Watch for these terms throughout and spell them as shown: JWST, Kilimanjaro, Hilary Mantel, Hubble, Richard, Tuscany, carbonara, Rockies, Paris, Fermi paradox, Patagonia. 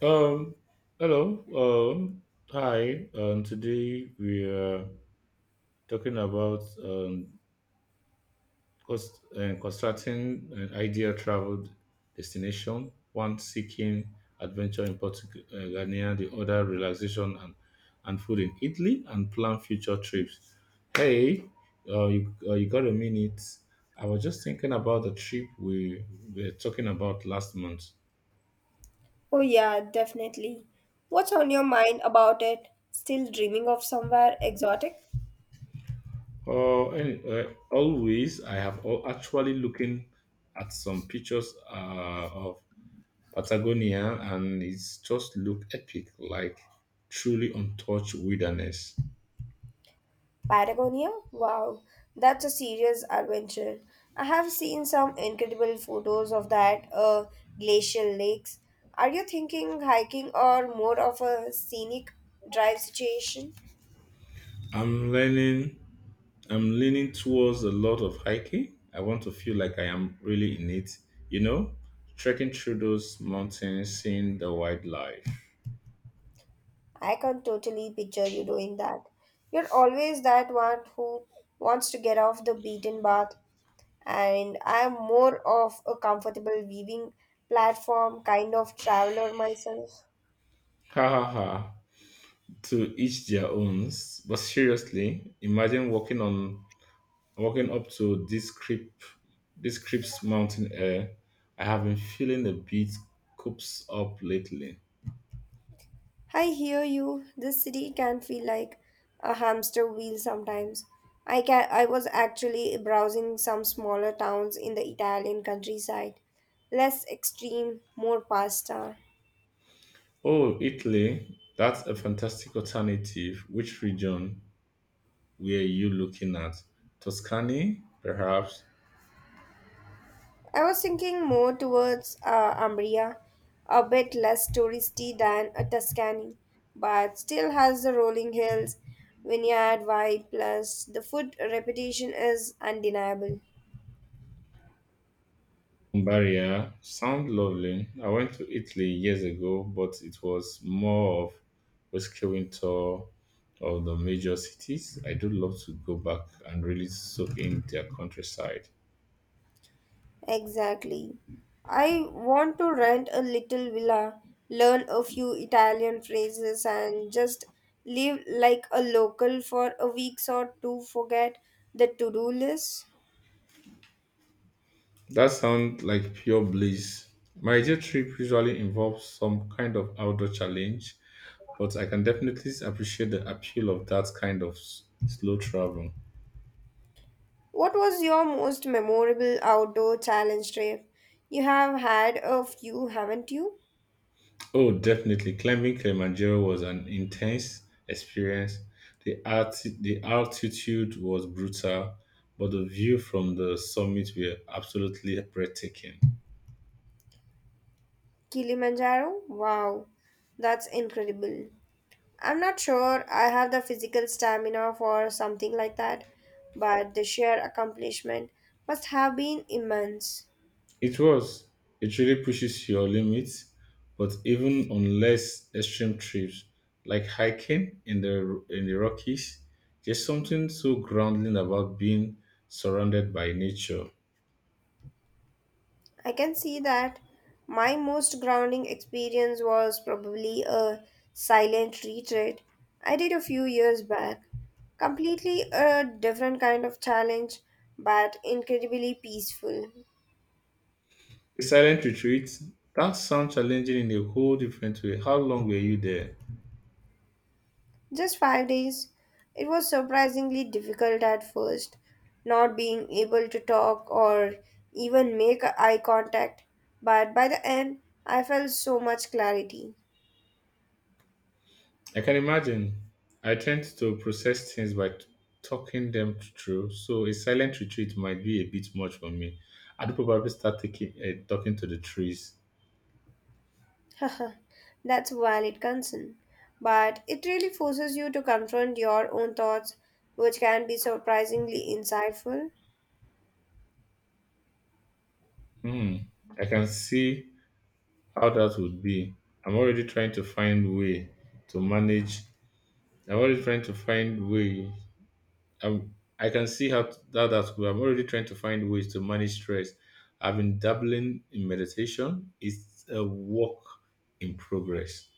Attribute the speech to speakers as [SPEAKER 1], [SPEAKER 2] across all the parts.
[SPEAKER 1] Um, hello. Hi. Today we are talking about constructing an ideal travel destination. One seeking adventure in Portugal, the other relaxation and food in Italy, and plan future trips. Hey, you got a minute? I was just thinking about the trip we were talking about last month.
[SPEAKER 2] Oh, yeah, definitely. What's on your mind about it? Still dreaming of somewhere exotic?
[SPEAKER 1] Uh, any, uh, I have actually looking at some pictures of Patagonia, and it's just look epic, like truly untouched wilderness.
[SPEAKER 2] Patagonia? Wow, that's a serious adventure. I have seen some incredible photos of that glacial lakes. Are you thinking hiking or more of a scenic drive situation?
[SPEAKER 1] I'm learning. I'm leaning towards a lot of hiking. I want to feel like I am really in it. You know, trekking through those mountains, seeing the wildlife.
[SPEAKER 2] I can totally picture you doing that. You're always that one who wants to get off the beaten path, and I'm more of a comfortable weaving platform kind of traveler myself.
[SPEAKER 1] Ha ha ha. To each their own. But seriously, imagine walking on Walking up to this crisp mountain air, I have been feeling a bit coops up lately.
[SPEAKER 2] I hear you. This city can feel like a hamster wheel sometimes. I was actually browsing some smaller towns in the Italian countryside. Less extreme, more pasta.
[SPEAKER 1] Oh, Italy, that's a fantastic alternative. Which region were you looking at? Tuscany, perhaps?
[SPEAKER 2] I was thinking more towards Umbria, a bit less touristy than Tuscany, but still has the rolling hills, vineyard vibe. Plus the food reputation is undeniable.
[SPEAKER 1] Barrier sound lovely. I went to Italy years ago, but it was more of a rescuing tour of the major cities. I do love to go back and really soak in their countryside.
[SPEAKER 2] Exactly. I want to rent a little villa, learn a few Italian phrases, and just live like a local for a week or two. Forget the to do list.
[SPEAKER 1] That sounds like pure bliss. My ideal trip usually involves some kind of outdoor challenge, but I can definitely appreciate the appeal of that kind of slow travel.
[SPEAKER 2] What was your most memorable outdoor challenge trip? You have had a few, haven't you?
[SPEAKER 1] Oh, definitely. Climbing Kilimanjaro was an intense experience. The altitude was brutal, but the view from the summit were absolutely breathtaking.
[SPEAKER 2] Kilimanjaro? Wow, that's incredible. I'm not sure I have the physical stamina for something like that, but the sheer accomplishment must have been immense.
[SPEAKER 1] It was. It really pushes your limits, but even on less extreme trips, like hiking in the Rockies, there's something so grounding about being surrounded by nature.
[SPEAKER 2] I can see that. My most grounding experience was probably a silent retreat I did a few years back. Completely a different kind of challenge, but incredibly peaceful.
[SPEAKER 1] A silent retreat, that sounds challenging in a whole different way. How long were you there?
[SPEAKER 2] Just 5 days. It was surprisingly difficult at first, not being able to talk or even make eye contact, but by the end, I felt so much clarity.
[SPEAKER 1] I can imagine. I tend to process things by talking them through, so a silent retreat might be a bit much for me. I'd probably start talking to the trees.
[SPEAKER 2] That's a valid concern, but it really forces you to confront your own thoughts, which can be surprisingly insightful.
[SPEAKER 1] Hmm, I can see how that would be. I'm already trying to find way to manage. I'm already trying to find way. I'm, I can see how t- that that could. I'm already trying to find ways to manage stress. I've been dabbling in meditation. It's a work in progress.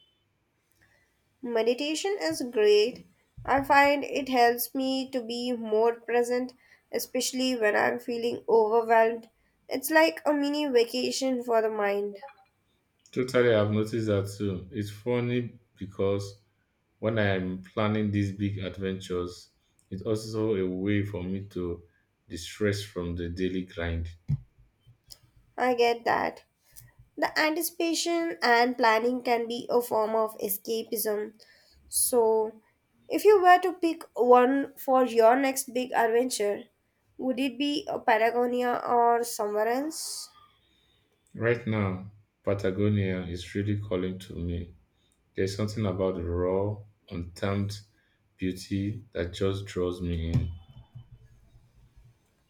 [SPEAKER 2] Meditation is great. I find it helps me to be more present, especially when I'm feeling overwhelmed. It's like a mini vacation for the mind.
[SPEAKER 1] Totally, I've noticed that too. It's funny because when I'm planning these big adventures, it's also a way for me to distress from the daily grind.
[SPEAKER 2] I get that. The anticipation and planning can be a form of escapism. So, if you were to pick one for your next big adventure, would it be a Patagonia or somewhere else?
[SPEAKER 1] Right now, Patagonia is really calling to me. There's something about the raw, untamed beauty that just draws me in.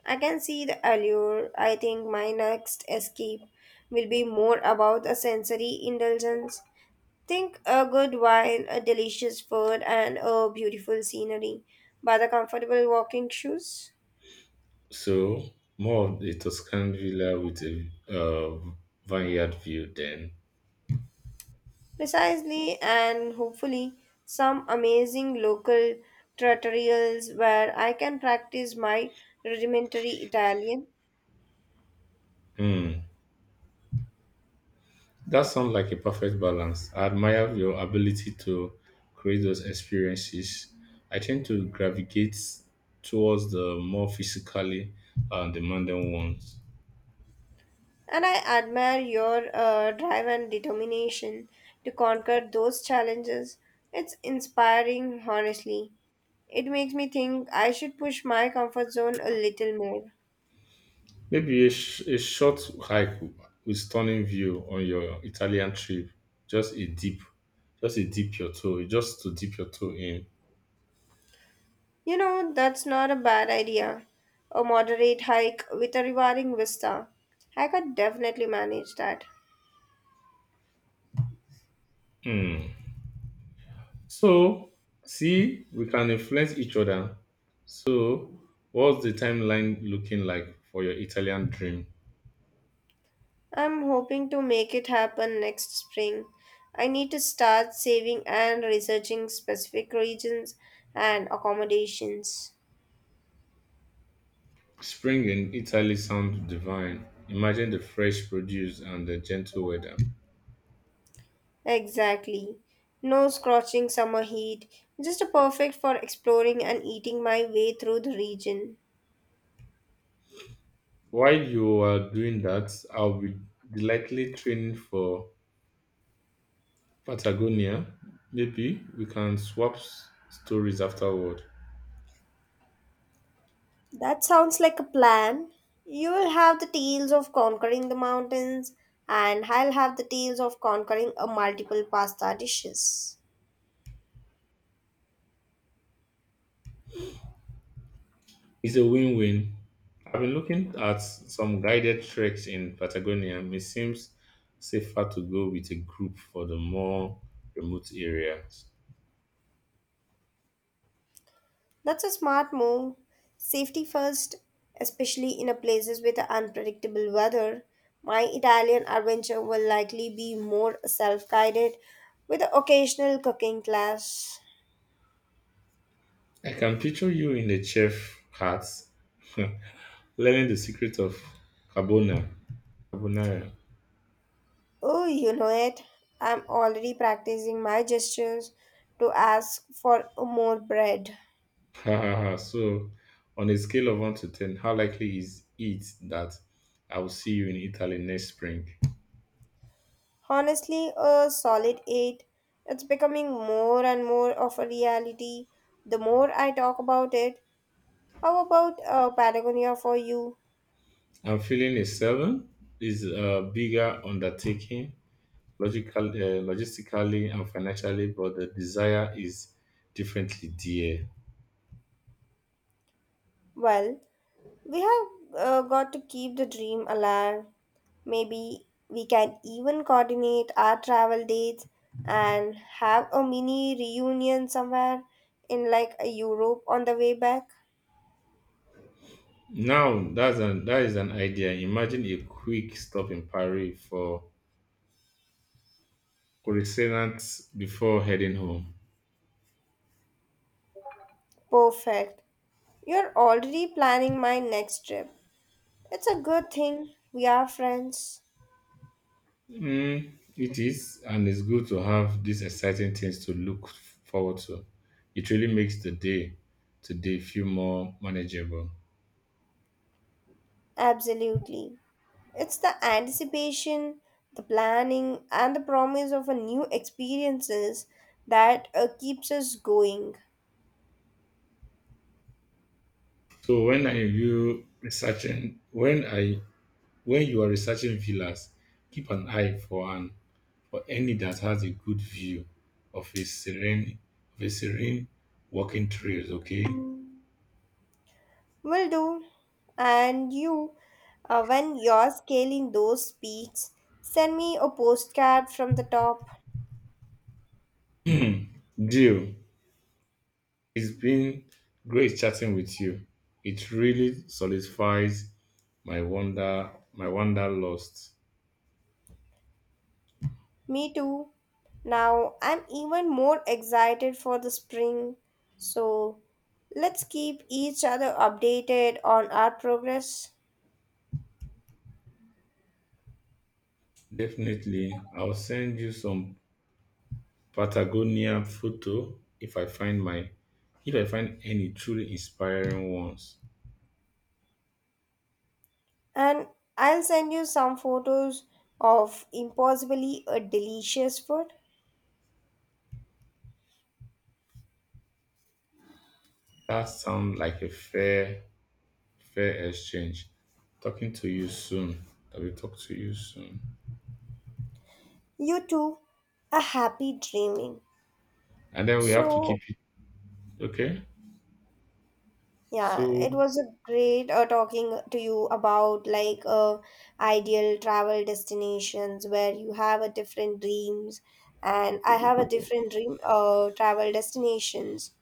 [SPEAKER 2] I can see the allure. I think my next escape will be more about a sensory indulgence. Think a good wine, a delicious food, and a beautiful scenery, but the comfortable walking shoes.
[SPEAKER 1] So, more of a Tuscan villa with a vineyard view, then.
[SPEAKER 2] Precisely, and hopefully, some amazing local tutorials where I can practice my rudimentary Italian.
[SPEAKER 1] Hmm, that sounds like a perfect balance. I admire your ability to create those experiences. I tend to gravitate towards the more physically demanding ones.
[SPEAKER 2] And I admire your drive and determination to conquer those challenges. It's inspiring, honestly. It makes me think I should push my comfort zone a little more.
[SPEAKER 1] Maybe a short hike with stunning view on your Italian trip. Just a deep, just to dip your toe in.
[SPEAKER 2] You know, that's not a bad idea. A moderate hike with a rewarding vista. I could definitely manage that.
[SPEAKER 1] Hmm. So, see, we can influence each other. So, what's the timeline looking like for your Italian dream?
[SPEAKER 2] I'm hoping to make it happen next spring. I need to start saving and researching specific regions and accommodations.
[SPEAKER 1] Spring in Italy sounds divine. Imagine the fresh produce and the gentle weather.
[SPEAKER 2] Exactly. No scorching summer heat, just a perfect for exploring and eating my way through the region.
[SPEAKER 1] While you are doing that, I'll be delightfully training for Patagonia. Maybe we can swap stories afterward.
[SPEAKER 2] That sounds like a plan. You will have the tales of conquering the mountains, and I'll have the tales of conquering a multiple pasta dishes.
[SPEAKER 1] It's a win win. I've been looking at some guided treks in Patagonia, and it seems safer to go with a group for the more remote areas.
[SPEAKER 2] That's a smart move. Safety first, especially in a places with unpredictable weather. My Italian adventure will likely be more self-guided with an occasional cooking class.
[SPEAKER 1] I can picture you in a chef hat, learning the secret of carbona, carbonara.
[SPEAKER 2] Oh, you know it. I'm already practicing my gestures to ask for more bread.
[SPEAKER 1] Ha, ha, ha. So, on a scale of 1 to 10, how likely is it that I will see you in Italy next spring?
[SPEAKER 2] Honestly, a solid 8. It's becoming more and more of a reality the more I talk about it. How about Patagonia for you?
[SPEAKER 1] I'm feeling a seven is a bigger undertaking, logical, uh, logistically and financially, but the desire is differently dear.
[SPEAKER 2] Well, we have got to keep the dream alive. Maybe we can even coordinate our travel dates and have a mini reunion somewhere in like a Europe on the way back.
[SPEAKER 1] Now that's an that is an idea. Imagine a quick stop in Paris for croissants before heading home.
[SPEAKER 2] Perfect. You're already planning my next trip. It's a good thing we are friends.
[SPEAKER 1] Mm, it is, and it's good to have these exciting things to look forward to. It really makes the day today feel more manageable.
[SPEAKER 2] Absolutely. It's the anticipation, the planning, and the promise of a new experiences that keeps us going.
[SPEAKER 1] So when are you researching? When are When you are researching villas, keep an eye for an for any that has a good view of a serene of a serene walking trails, okay?
[SPEAKER 2] Will do. And you, when you're scaling those peaks, send me a postcard from the top.
[SPEAKER 1] Deal. It's been great chatting with you. It really solidifies my wanderlust.
[SPEAKER 2] Me too. Now I'm even more excited for the spring. So let's keep each other updated on our progress.
[SPEAKER 1] Definitely, I'll send you some Patagonia photo if I find any truly inspiring ones.
[SPEAKER 2] And I'll send you some photos of impossibly a delicious food.
[SPEAKER 1] That sounds like a fair exchange. Talking to you soon. I will talk to you soon.
[SPEAKER 2] You too, a happy dreaming.
[SPEAKER 1] And then we have to
[SPEAKER 2] So
[SPEAKER 1] keep it. Okay.
[SPEAKER 2] yeah,
[SPEAKER 1] So
[SPEAKER 2] it was a great talking to you about like ideal travel destinations, where you have a different dreams and I have a different dream travel destinations.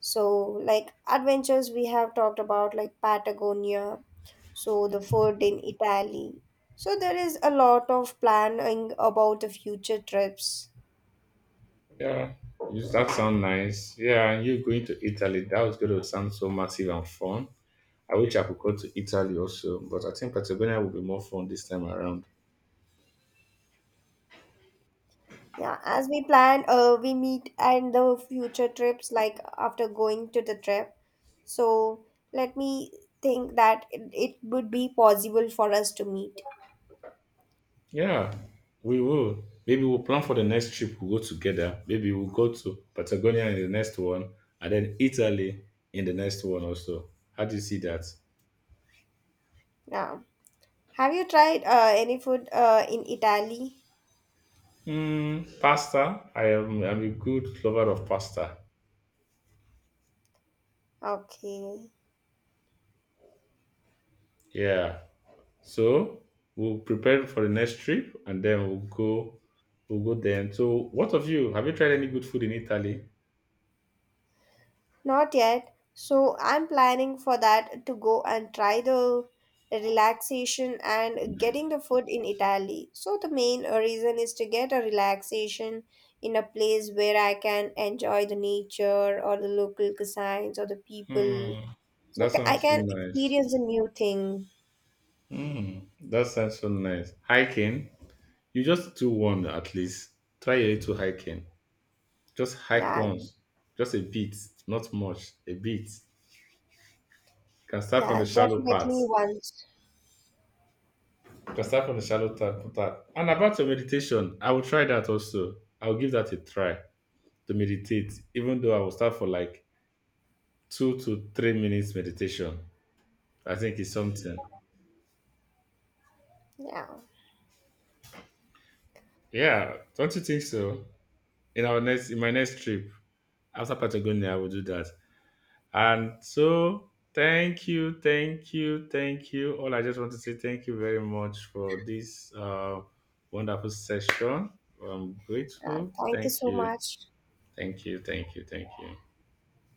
[SPEAKER 2] So like adventures, we have talked about like Patagonia, so the food in Italy. So there is a lot of planning about the future trips.
[SPEAKER 1] yeah, you- that sound nice. Yeah, and you going to Italy. That was going to sound so massive and fun. I wish I could go to Italy also, but I think Patagonia will be more fun this time around.
[SPEAKER 2] Yeah, as we plan, we meet and the future trips like after going to the trip. So let me think that it would be possible for us to meet
[SPEAKER 1] Yeah, we will. Maybe we'll plan for the next trip. We'll go together. Maybe we'll go to Patagonia in the next one, and then Italy in the next one also. How do you see that?
[SPEAKER 2] now. Have you tried any food in Italy?
[SPEAKER 1] Mm, pasta. I'm a good lover of pasta.
[SPEAKER 2] Okay,
[SPEAKER 1] Yeah. So we'll prepare for the next trip and then we'll go then. So what of you? Have you tried any good food in Italy?
[SPEAKER 2] not yet. So I'm planning for that to go and try the relaxation and getting the food in Italy. So the main reason is to get a relaxation in a place where I can enjoy the nature or the local cuisines or the people.
[SPEAKER 1] Mm,
[SPEAKER 2] So
[SPEAKER 1] that
[SPEAKER 2] I
[SPEAKER 1] sounds so
[SPEAKER 2] can
[SPEAKER 1] nice.
[SPEAKER 2] experience a new thing.
[SPEAKER 1] Mm, that sounds so nice. Hiking. You just do one at least. Try a little hiking. Just hike
[SPEAKER 2] Yeah.
[SPEAKER 1] once. Just a bit. Not much. A bit. You can start from
[SPEAKER 2] Yeah,
[SPEAKER 1] the shallow part.
[SPEAKER 2] definitely once.
[SPEAKER 1] Cassava on the shallow tap. And about your meditation, I will try that also. I'll give that a try to meditate, even though I will start for like 2 to 3 minutes meditation. I think it's something.
[SPEAKER 2] Yeah.
[SPEAKER 1] Yeah, don't you think so? In my next trip after Patagonia, I will do that. And so, thank you. All I just want to say thank you very much for this wonderful session. I'm grateful.
[SPEAKER 2] Thank you so much.
[SPEAKER 1] Thank you,